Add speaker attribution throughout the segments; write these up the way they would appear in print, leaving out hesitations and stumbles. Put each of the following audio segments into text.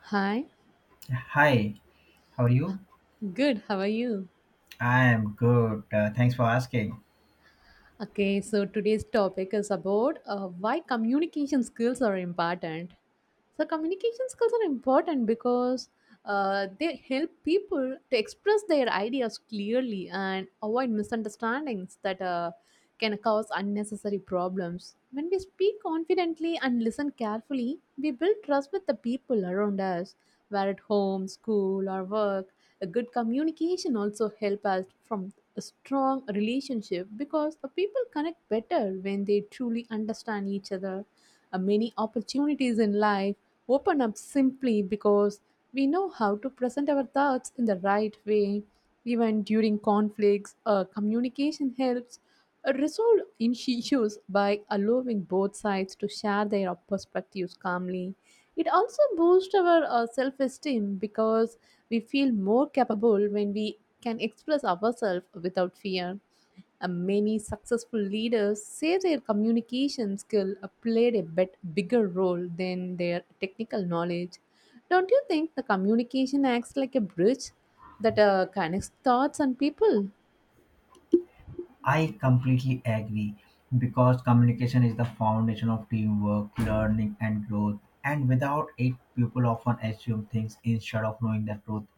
Speaker 1: Hi,
Speaker 2: Hi, how are you?
Speaker 1: good. How are you?
Speaker 2: I am good. Thanks for asking.
Speaker 1: Okay, so today's topic is about why communication skills are important. So, communication skills are important because they help people to express their ideas clearly and avoid misunderstandings that can cause unnecessary problems. When we speak confidently and listen carefully, we build trust with the people around us, where at home, school, or work. A good communication also helps us from a strong relationship because the people connect better when they truly understand each other. Many opportunities in life open up simply because we know how to present our thoughts in the right way. Even during conflicts, communication helps resolve in issues by allowing both sides to share their perspectives calmly. It also boosts our self esteem because we feel more capable when we can express ourselves without fear. Many successful leaders say their communication skill played a bit bigger role than their technical knowledge. Don't you think the communication acts like a bridge that connects thoughts and people?
Speaker 2: I completely agree because communication is the foundation of teamwork, learning, and growth. And without it, people often assume things instead of knowing the truth.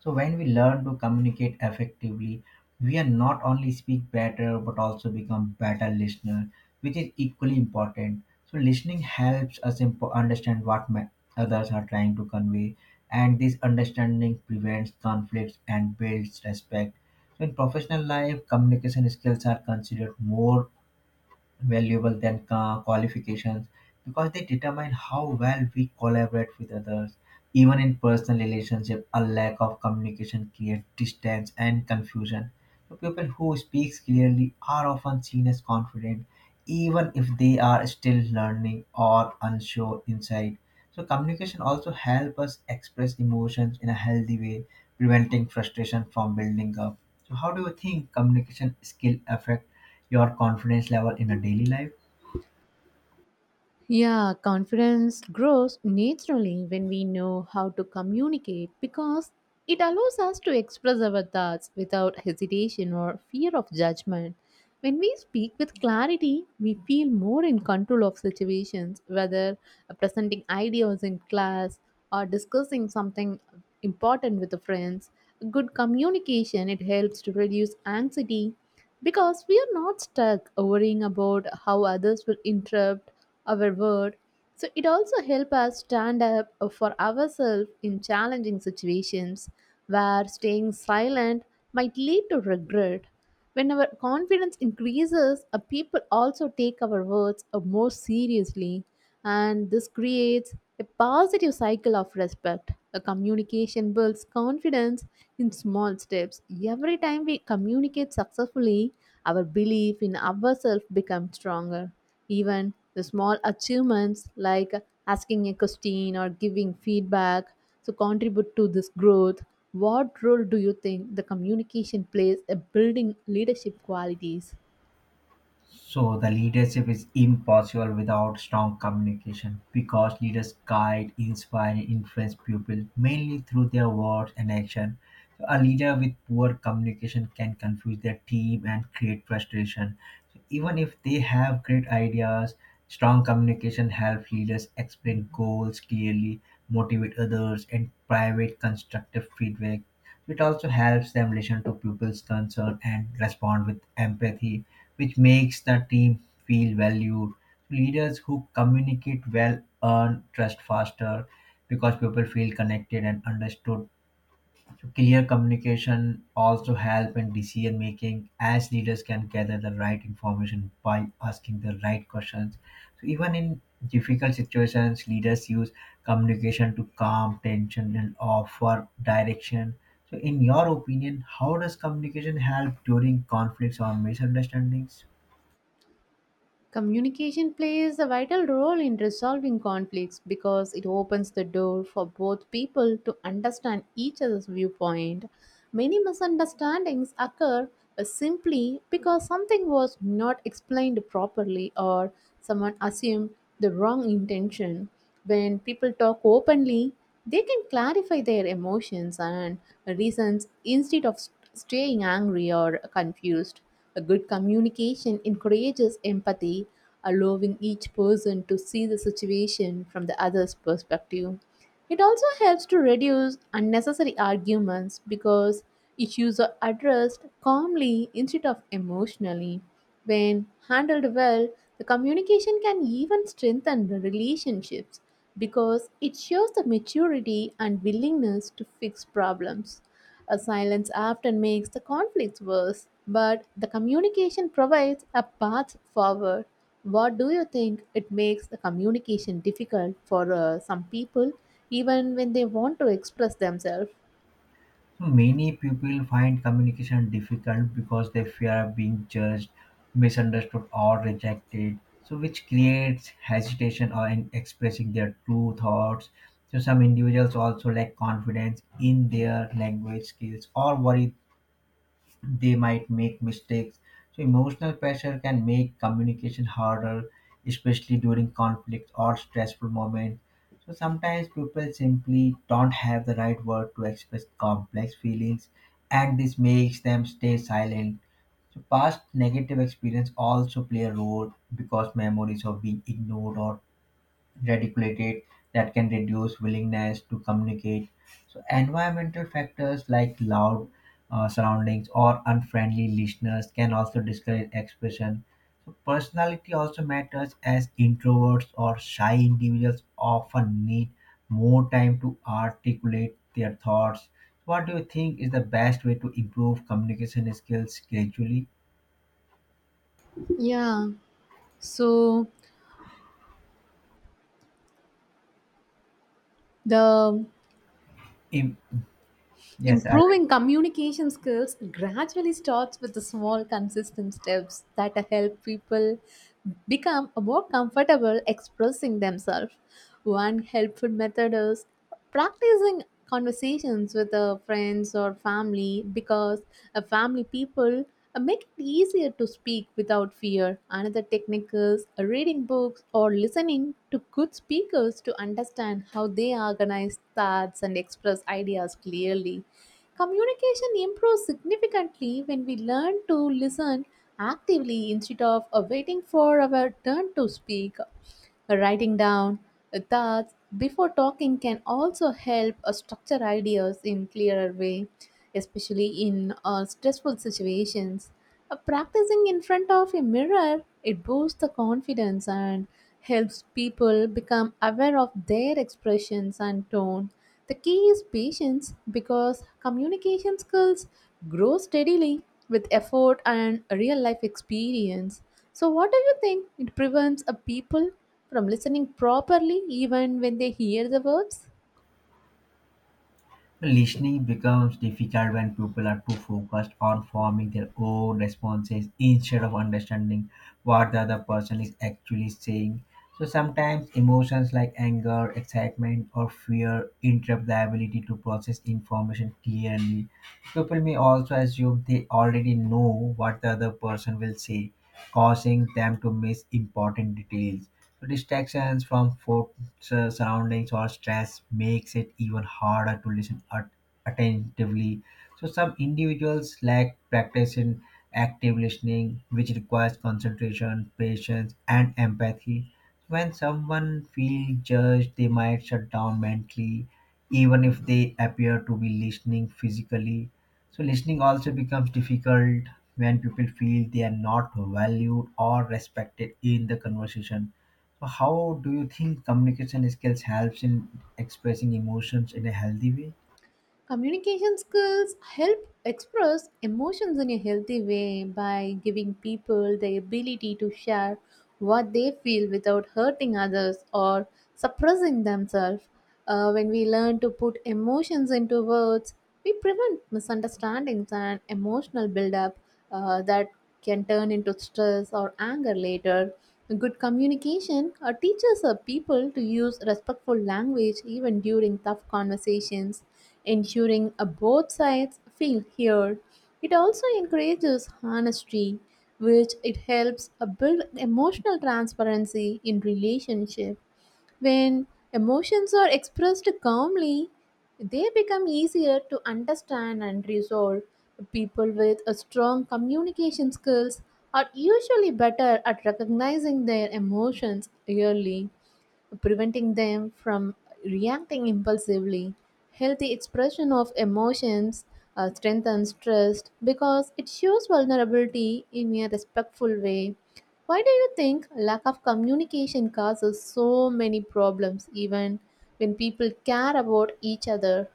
Speaker 2: So when we learn to communicate effectively, we are not only speak better but also become better listener, which is equally important. So listening helps us understand what others are trying to convey, and this understanding prevents conflicts and builds respect. So in professional life, communication skills are considered more valuable than qualifications because they determine how well we collaborate with others. Even in personal relationship, a lack of communication creates distance and confusion. So people who speak clearly are often seen as confident, even if they are still learning or unsure inside. So communication also help us express emotions in a healthy way, preventing frustration from building up. So how do you think communication skill affect your confidence level in a daily life?
Speaker 1: Yeah, confidence grows naturally when we know how to communicate because it allows us to express our thoughts without hesitation or fear of judgment. When we speak with clarity, we feel more in control of situations, whether presenting ideas in class or discussing something important with the friends. Good communication it helps to reduce anxiety because we are not stuck worrying about how others will interrupt our word, so it also helps us stand up for ourselves in challenging situations where staying silent might lead to regret. When our confidence increases, people also take our words more seriously, and this creates a positive cycle of respect. A communication builds confidence in small steps. Every time we communicate successfully, our belief in ourselves becomes stronger. Even the small achievements like asking a question or giving feedback so contribute to this growth. What role do you think the communication plays in building leadership qualities?
Speaker 2: So the leadership is impossible without strong communication because leaders guide, inspire, and influence people mainly through their words and action. So a leader with poor communication can confuse their team and create frustration. So even if they have great ideas, strong communication helps leaders explain goals clearly, motivate others, and private constructive feedback. It also helps them listen to people's concern and respond with empathy, which makes the team feel valued. Leaders who communicate well earn trust faster because people feel connected and understood. Clear communication also help in decision making as leaders can gather the right information by asking the right questions. So even in difficult situations, leaders use communication to calm tension and offer direction. So in your opinion, how does communication help during conflicts or misunderstandings?
Speaker 1: Communication plays a vital role in resolving conflicts because it opens the door for both people to understand each other's viewpoint. Many misunderstandings occur simply because something was not explained properly or someone assumed the wrong intention. When people talk openly, they can clarify their emotions and reasons instead of staying angry or confused. A good communication encourages empathy, allowing each person to see the situation from the other's perspective. It also helps to reduce unnecessary arguments because issues are addressed calmly instead of emotionally. When handled well, the communication can even strengthen the relationships because it shows the maturity and willingness to fix problems. A silence often makes the conflicts worse, but the communication provides a path forward. What do you think it makes the communication difficult for some people even when they want to express themselves?
Speaker 2: So many people find communication difficult because they fear being judged, misunderstood, or rejected. So, which creates hesitation or in expressing their true thoughts. So, some individuals also lack confidence in their language skills or worry they might make mistakes. So emotional pressure can make communication harder, especially during conflict or stressful moments. So sometimes people simply don't have the right word to express complex feelings, and this makes them stay silent. So past negative experience also play a role because memories of being ignored or radiculated that can reduce willingness to communicate. So, environmental factors like loud surroundings or unfriendly listeners can also discourage expression. So, personality also matters as introverts or shy individuals often need more time to articulate their thoughts. What do you think is the best way to improve communication skills gradually?
Speaker 1: Yeah, so the
Speaker 2: Im- yes, I will.
Speaker 1: Improving communication skills gradually starts with the small, consistent steps that help people become more comfortable expressing themselves. One helpful method is practicing conversations with friends or family because a family people make it easier to speak without fear. Another technique is reading books or listening to good speakers to understand how they organize thoughts and express ideas clearly. Communication improves significantly when we learn to listen actively instead of waiting for our turn to speak. Writing down thoughts before talking can also help structure ideas in clearer way, especially in stressful situations. Practicing in front of a mirror, it boosts the confidence and helps people become aware of their expressions and tone. The key is patience because communication skills grow steadily with effort and real life experience. So, what do you think? It prevents a people from listening properly even when they hear the words.
Speaker 2: Listening becomes difficult when people are too focused on forming their own responses instead of understanding what the other person is actually saying. So sometimes emotions like anger, excitement, or fear interrupt the ability to process information clearly. People may also assume they already know what the other person will say, causing them to miss important details. Distractions from forts' surroundings or stress makes it even harder to listen attentively. So some individuals lack practice in active listening, which requires concentration, patience, and empathy. When someone feels judged, they might shut down mentally, even if they appear to be listening physically. So listening also becomes difficult when people feel they are not valued or respected in the conversation. So how do you think communication skills helps in expressing emotions in a healthy way?
Speaker 1: Communication skills help express emotions in a healthy way by giving people the ability to share what they feel without hurting others or suppressing themselves. When we learn to put emotions into words, we prevent misunderstandings and emotional buildup that can turn into stress or anger later. Good communication teaches people to use respectful language even during tough conversations, ensuring both sides feel heard. It also encourages honesty, which it helps build emotional transparency in relationship. When emotions are expressed calmly, they become easier to understand and resolve. People with a strong communication skills are usually better at recognizing their emotions early, preventing them from reacting impulsively. Healthy expression of emotions strengthens trust because it shows vulnerability in a respectful way. Why do you think lack of communication causes so many problems even when people care about each other?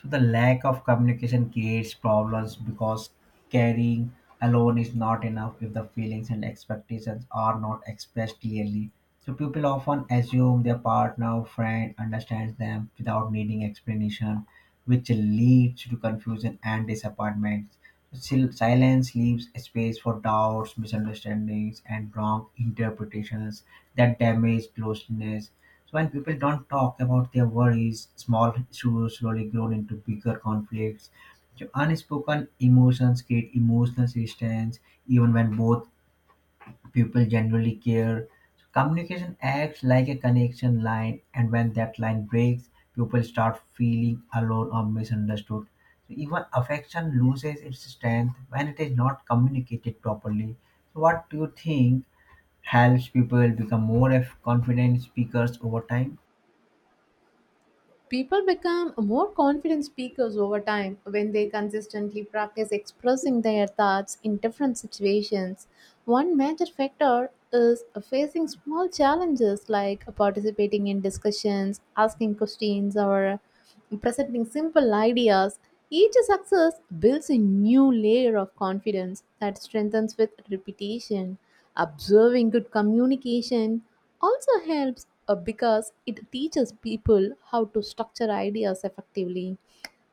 Speaker 2: So the lack of communication creates problems because caring alone is not enough if the feelings and expectations are not expressed clearly. So people often assume their partner or friend understands them without needing explanation, which leads to confusion and disappointments. Silence leaves a space for doubts, misunderstandings, and wrong interpretations that damage closeness. So when people don't talk about their worries, small issues slowly grow into bigger conflicts. So unspoken emotions create emotional distance, even when both people genuinely care. So communication acts like a connection line, and when that line breaks, people start feeling alone or misunderstood. So even affection loses its strength when it is not communicated properly. So what do you think helps people become more confident speakers over time?
Speaker 1: People become more confident speakers over time when they consistently practice expressing their thoughts in different situations. One major factor is facing small challenges like participating in discussions, asking questions, or presenting simple ideas. Each success builds a new layer of confidence that strengthens with repetition. Observing good communication also helps because it teaches people how to structure ideas effectively.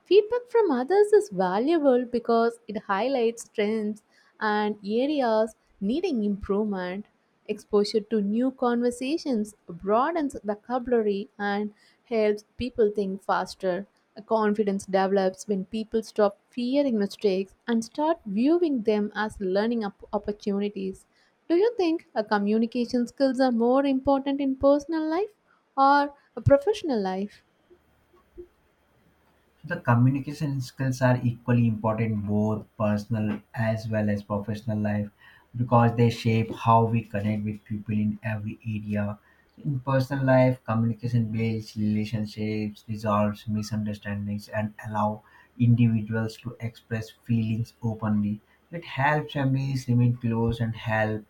Speaker 1: Feedback from others is valuable because it highlights strengths and areas needing improvement. Exposure to new conversations broadens vocabulary and helps people think faster. Confidence develops when people stop fearing mistakes and start viewing them as learning opportunities. Do you think communication skills are more important in personal life or a professional life?
Speaker 2: The communication skills are equally important, both personal as well as professional life, because they shape how we connect with people in every area. In personal life, communication builds relationships, resolves misunderstandings, and allow individuals to express feelings openly. It helps families remain close and help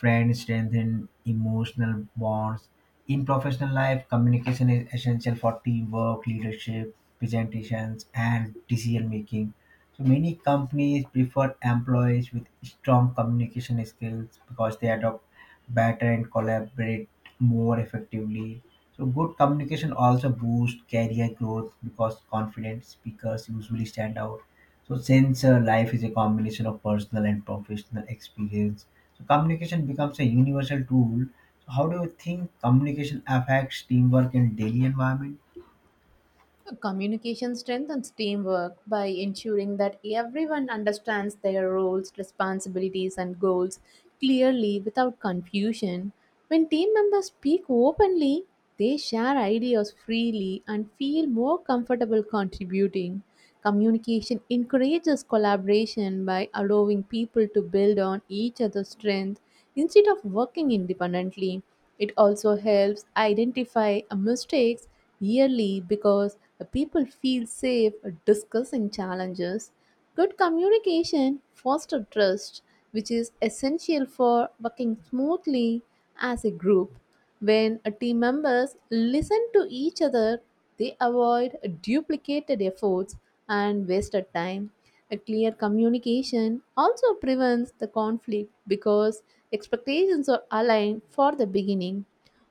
Speaker 2: friends strengthen emotional bonds. In professional life, communication is essential for teamwork, leadership, presentations, and decision making. So many companies prefer employees with strong communication skills because they adopt better and collaborate more effectively. So good communication also boosts career growth because confident speakers usually stand out. So since life is a combination of personal and professional experience, so communication becomes a universal tool. So how do you think communication affects teamwork in daily environment?
Speaker 1: Communication strengthens teamwork by ensuring that everyone understands their roles, responsibilities, and goals clearly without confusion. When team members speak openly, they share ideas freely and feel more comfortable contributing. Communication encourages collaboration by allowing people to build on each other's strengths instead of working independently. It also helps identify mistakes yearly because people feel safe discussing challenges. Good communication fosters trust, which is essential for working smoothly as a group. When a team members listen to each other, they avoid duplicated efforts and wasted time. A clear communication also prevents the conflict because expectations are aligned for the beginning.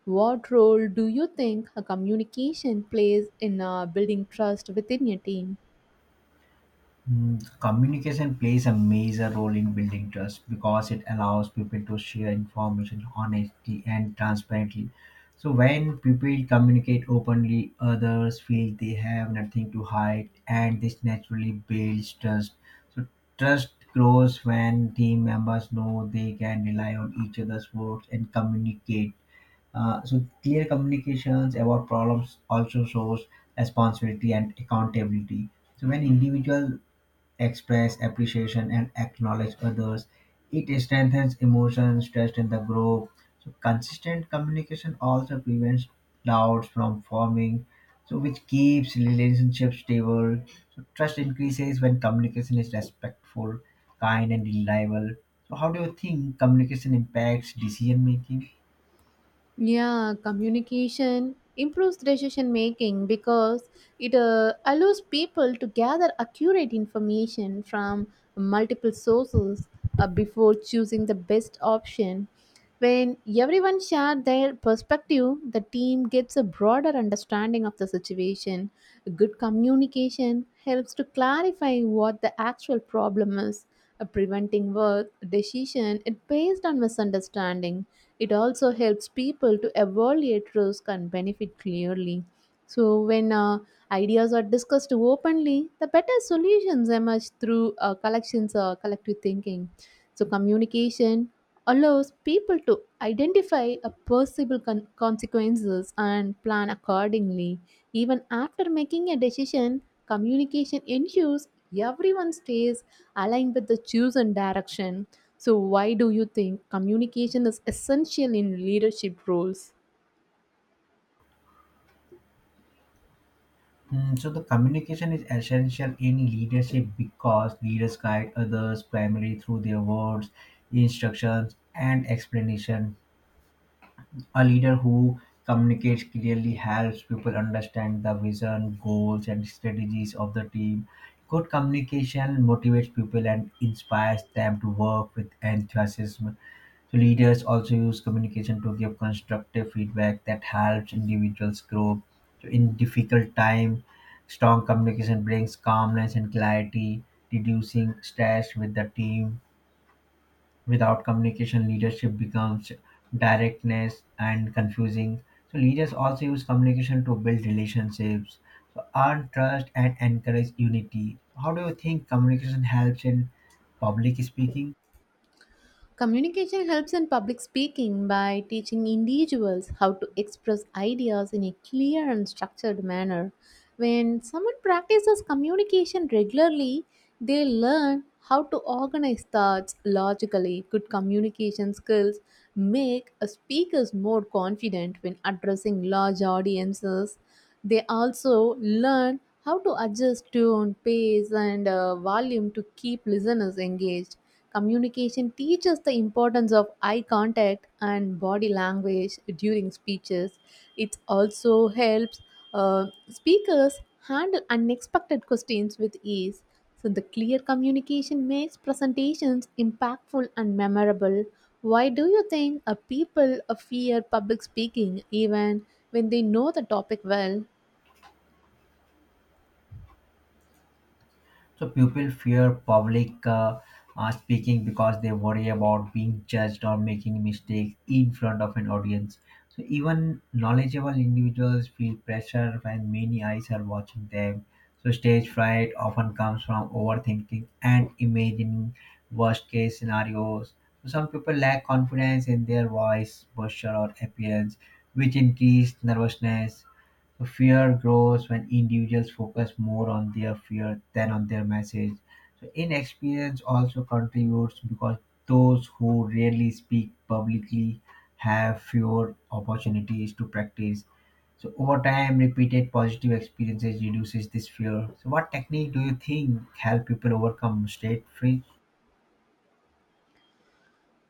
Speaker 1: What role do you think a communication plays in building trust within your team?
Speaker 2: Communication plays a major role in building trust because it allows people to share information honestly and transparently. So, when people communicate openly, others feel they have nothing to hide, and this naturally builds trust. So, trust grows when team members know they can rely on each other's words and communicate. So, clear communications about problems also shows responsibility and accountability. So when individuals express appreciation and acknowledge others. It strengthens emotions, trust in the group. So consistent communication also prevents doubts from forming, so which keeps relationships stable. So trust increases when communication is respectful, kind, and reliable. So how do you think communication impacts decision making?
Speaker 1: Yeah, communication improves decision making because it allows people to gather accurate information from multiple sources before choosing the best option. When everyone shares their perspective, the team gets a broader understanding of the situation. Good communication helps to clarify what the actual problem is, preventing work decision it based on misunderstanding. It also helps people to evaluate risk and benefit clearly. So, when ideas are discussed openly, the better solutions emerge through collections or collective thinking. So, communication allows people to identify a possible consequences and plan accordingly. Even after making a decision, communication ensures everyone stays aligned with the chosen direction. So, why do you think communication is essential in leadership roles?
Speaker 2: So the communication is essential in leadership because leaders guide others primarily through their words, instructions, and explanation. A leader who communicates clearly helps people understand the vision, goals, and strategies of the team. Good communication motivates people and inspires them to work with enthusiasm. So leaders also use communication to give constructive feedback that helps individuals grow. So in difficult time, strong communication brings calmness and clarity, reducing stress with the team. Without communication, leadership becomes directness and confusing. So leaders also use communication to build relationships so earn trust and encourage unity. How do you think communication helps in public speaking?
Speaker 1: Communication helps in public speaking by teaching individuals how to express ideas in a clear and structured manner. When someone practices communication regularly, they learn how to organize thoughts logically. Good communication skills make a speakers more confident when addressing large audiences. They also learn how to adjust tone, pace, and volume to keep listeners engaged. Communication teaches the importance of eye contact and body language during speeches. It also helps speakers handle unexpected questions with ease. So, the clear communication makes presentations impactful and memorable. Why do you think people fear public speaking even when they know the topic well?
Speaker 2: So people fear public speaking because they worry about being judged or making mistakes in front of an audience. So even knowledgeable individuals feel pressure when many eyes are watching them. So stage fright often comes from overthinking and imagining worst case scenarios. So some people lack confidence in their voice, posture, or appearance, which increase nervousness. So, fear grows when individuals focus more on their fear than on their message. So inexperience also contributes because those who rarely speak publicly have fewer opportunities to practice. So over time, repeated positive experiences reduces this fear. So what technique do you think help people overcome state fear?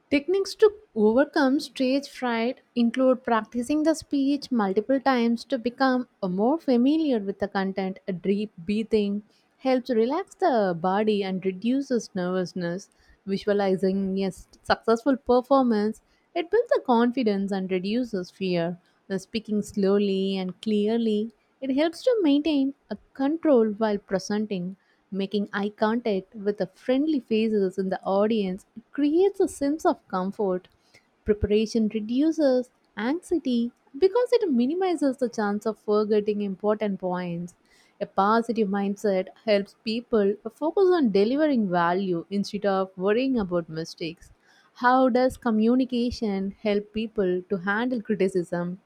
Speaker 1: Techniques to overcome stage fright include practicing the speech multiple times to become more familiar with the content. A deep breathing helps relax the body and reduces nervousness. Visualizing a successful performance, it builds the confidence and reduces fear. The speaking slowly and clearly, it helps to maintain a control while presenting. Making eye contact with the friendly faces in the audience creates a sense of comfort. Preparation reduces anxiety because it minimizes the chance of forgetting important points. A positive mindset helps people focus on delivering value instead of worrying about mistakes. How does communication help people to handle criticism?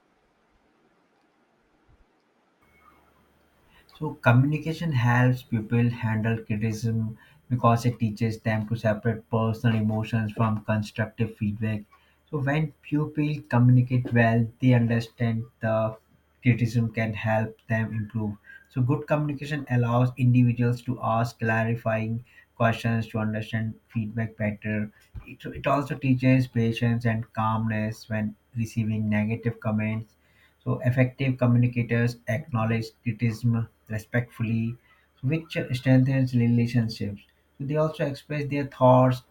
Speaker 2: So communication helps people handle criticism because it teaches them to separate personal emotions from constructive feedback. So when people communicate well, they understand the criticism can help them improve. So good communication allows individuals to ask clarifying questions to understand feedback better. It also teaches patience and calmness when receiving negative comments. So effective communicators acknowledge criticism respectfully, which strengthens relationships. So they also express their thoughts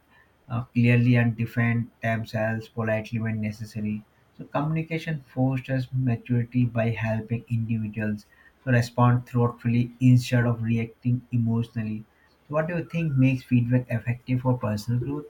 Speaker 2: clearly and defend themselves politely when necessary. So communication fosters maturity by helping individuals to respond thoughtfully instead of reacting emotionally. So what do you think makes feedback effective for personal growth?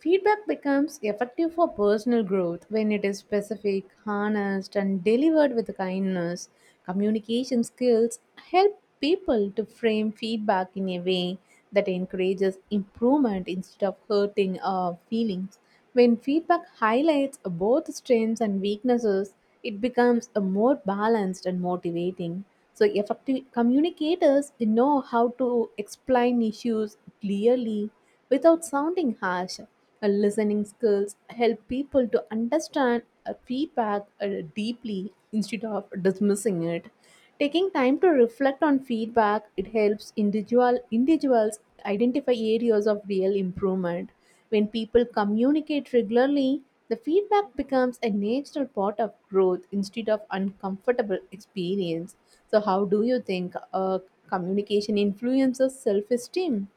Speaker 1: Feedback becomes effective for personal growth when it is specific, honest, and delivered with kindness. Communication skills help people to frame feedback in a way that encourages improvement instead of hurting our feelings. When feedback highlights both strengths and weaknesses, it becomes a more balanced and motivating. So, effective communicators know how to explain issues clearly without sounding harsh. Listening skills help people to understand a feedback deeply instead of dismissing it. Taking time to reflect on feedback, it helps individuals identify areas of real improvement. When people communicate regularly, the feedback becomes a natural part of growth instead of uncomfortable experience. So, how do you think communication influences self-esteem?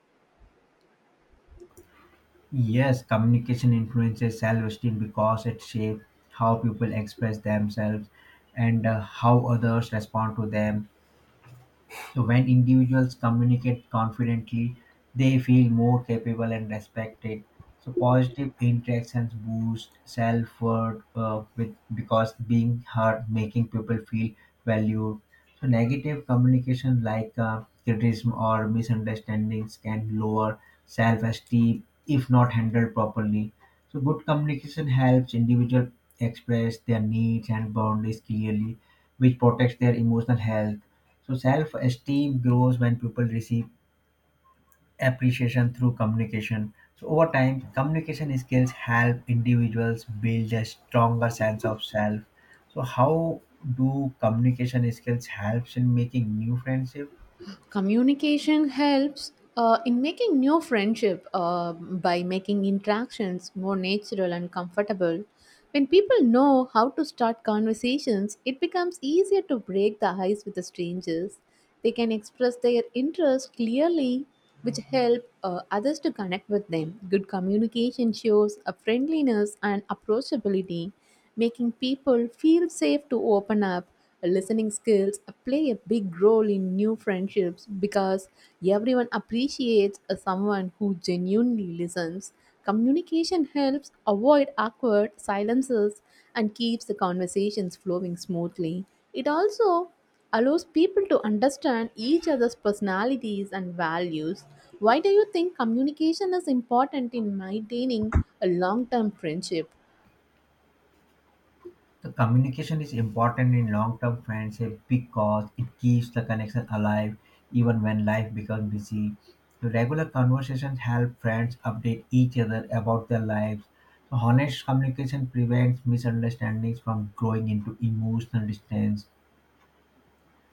Speaker 2: Yes, communication influences self esteem because it shapes how people express themselves and how others respond to them. So when individuals communicate confidently, they feel more capable and respected. So positive interactions boost self-worth with because being heard, making people feel valued. So negative communication like criticism or misunderstandings can lower self-esteem if not handled properly. So good communication helps individuals express their needs and boundaries clearly, which protects their emotional health. So self-esteem grows when people receive appreciation through communication. So over time, communication skills help individuals build a stronger sense of self. So how do communication skills helps in making new friendship?
Speaker 1: Communication helps in making new friendship by making interactions more natural and comfortable. When people know how to start conversations, it becomes easier to break the ice with the strangers. They can express their interest clearly, which help others to connect with them. Good communication shows a friendliness and approachability, making people feel safe to open up. Listening skills play a big role in new friendships because everyone appreciates a someone who genuinely listens. Communication helps avoid awkward silences and keeps the conversations flowing smoothly. It also allows people to understand each other's personalities and values. Why do you think communication is important in maintaining a long term friendship?
Speaker 2: The communication is important in long-term friendship because it keeps the connection alive even when life becomes busy. The regular conversations help friends update each other about their lives. So honest communication prevents misunderstandings from growing into emotional distance.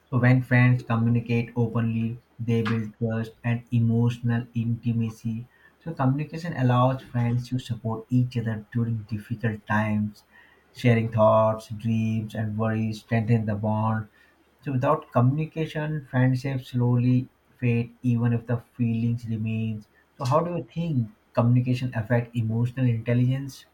Speaker 2: So when friends communicate openly, they build trust and emotional intimacy. So, communication allows friends to support each other during difficult times. Sharing thoughts, dreams, and worries strengthen the bond. So, without communication, friendships slowly fade, even if the feelings remains. So, how do you think communication affect emotional intelligence?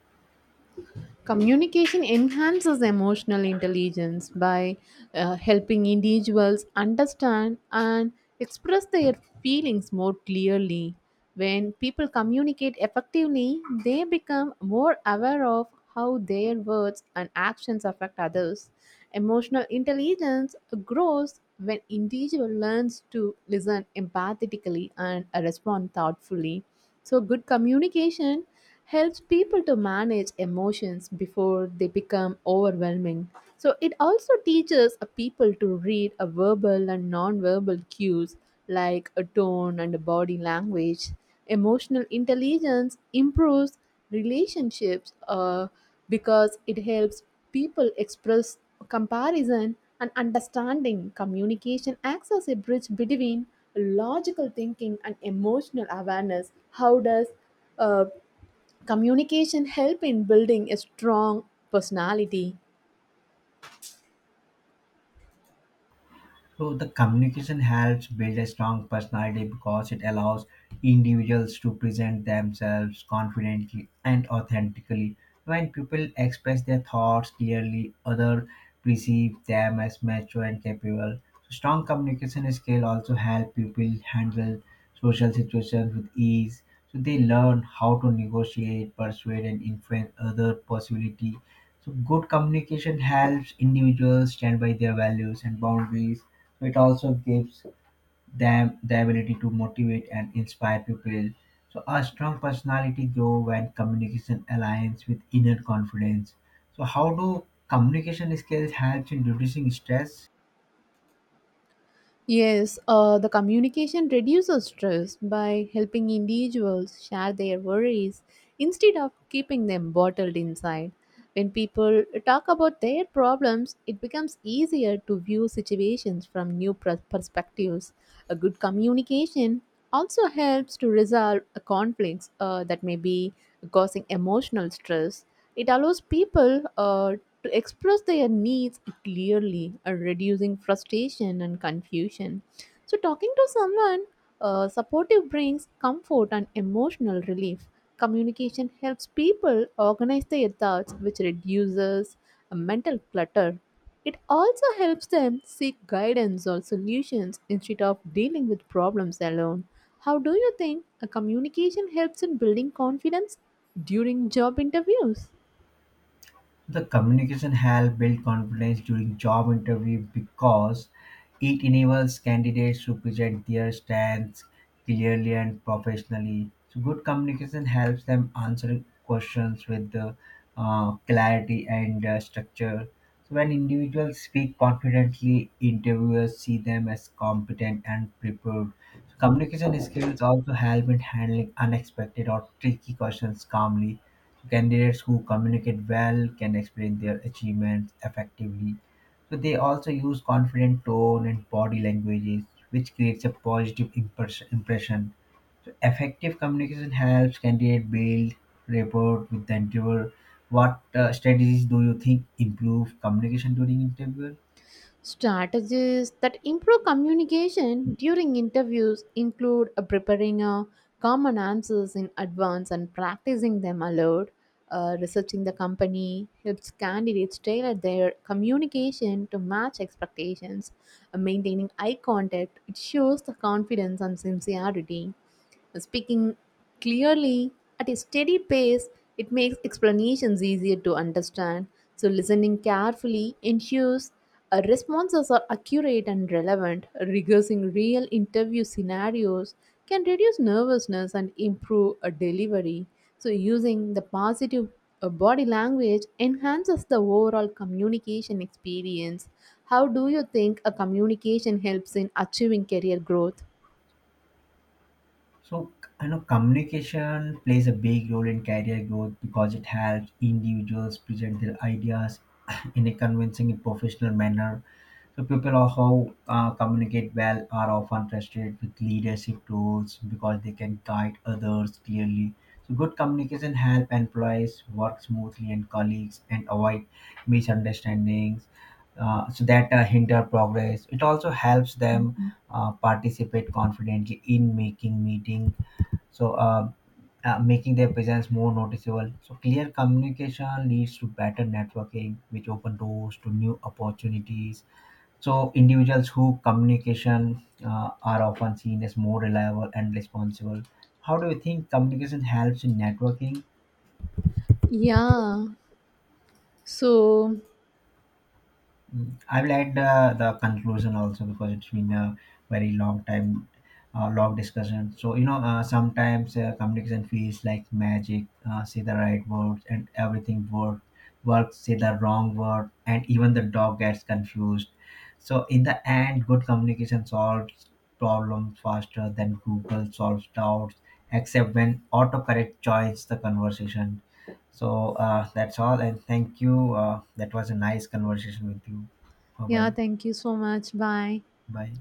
Speaker 1: Communication enhances emotional intelligence by helping individuals understand and express their feelings more clearly. When people communicate effectively, they become more aware of how their words and actions affect others. Emotional intelligence grows when individual learns to listen empathetically and respond thoughtfully. So good communication helps people to manage emotions before they become overwhelming. So it also teaches a people to read a verbal and non-verbal cues like a tone and a body language. Emotional intelligence improves relationships because it helps people express comparison and understanding. Communication acts as a bridge between logical thinking and emotional awareness. How does uh, communication help in building a strong personality?
Speaker 2: So the communication helps build a strong personality because it allows individuals to present themselves confidently and authentically. When people express their thoughts clearly, others perceive them as mature and capable. So strong communication skill also help people handle social situations with ease. So they learn how to negotiate, persuade, and influence other possibility. So good communication helps individuals stand by their values and boundaries. So it also gives them the ability to motivate and inspire people. So a strong personality grows when communication aligns with inner confidence. So how do communication skills help in reducing stress?
Speaker 1: Yes the communication reduces stress by helping individuals share their worries instead of keeping them bottled inside. When people talk about their problems, it becomes easier to view situations from new perspectives. A good communication also helps to resolve conflicts that may be causing emotional stress. It allows people to express their needs clearly, reducing frustration and confusion. So, talking to someone supportive brings comfort and emotional relief. Communication helps people organize their thoughts, which reduces mental clutter. It also helps them seek guidance or solutions instead of dealing with problems alone. How do you think a communication helps in building confidence during job interviews?
Speaker 2: The communication help build confidence during job interview because it enables candidates to present their strengths clearly and professionally. So good communication helps them answer questions with the, clarity and structure. So when individuals speak confidently, interviewers see them as competent and prepared. So communication skills also help in handling unexpected or tricky questions calmly. Candidates who communicate well can explain their achievements effectively. So they also use confident tone and body languages which creates a positive impression. So effective communication helps candidate build rapport with the interviewer. What strategies do you think improve communication during interview?
Speaker 1: Strategies that improve communication during interviews include preparing common answers in advance and practicing them aloud. Researching the company helps candidates tailor their communication to match expectations. Maintaining eye contact, it shows the confidence and sincerity. Speaking clearly at a steady pace, it makes explanations easier to understand. So, listening carefully ensures responses are accurate and relevant. Rehearsing real interview scenarios can reduce nervousness and improve a delivery. So, using the positive body language enhances the overall communication experience. How do you think a communication helps in achieving career growth?
Speaker 2: So I know communication plays a big role in career growth because it helps individuals present their ideas in a convincing and professional manner. So people are how communicate well are often trusted with leadership roles because they can guide others clearly. So good communication helps employees work smoothly and colleagues and avoid misunderstandings. So that hinder progress. It also helps them participate confidently in making meeting. So making their presence more noticeable. So clear communication leads to better networking which open doors to new opportunities. So individuals who communication are often seen as more reliable and responsible. How do you think communication helps in networking?
Speaker 1: Yeah. So,
Speaker 2: Mm. I will add the conclusion also because it's been a very long time, long discussion. So sometimes communication feels like magic. Say the right words and everything works. Say the wrong word and even the dog gets confused. So in the end, good communication solves problems faster than Google solves doubts, except when autocorrect joins the conversation. So that's all, and thank you. That was a nice conversation with you. Bye bye.
Speaker 1: yeah, thank you so much. Bye.
Speaker 2: Bye.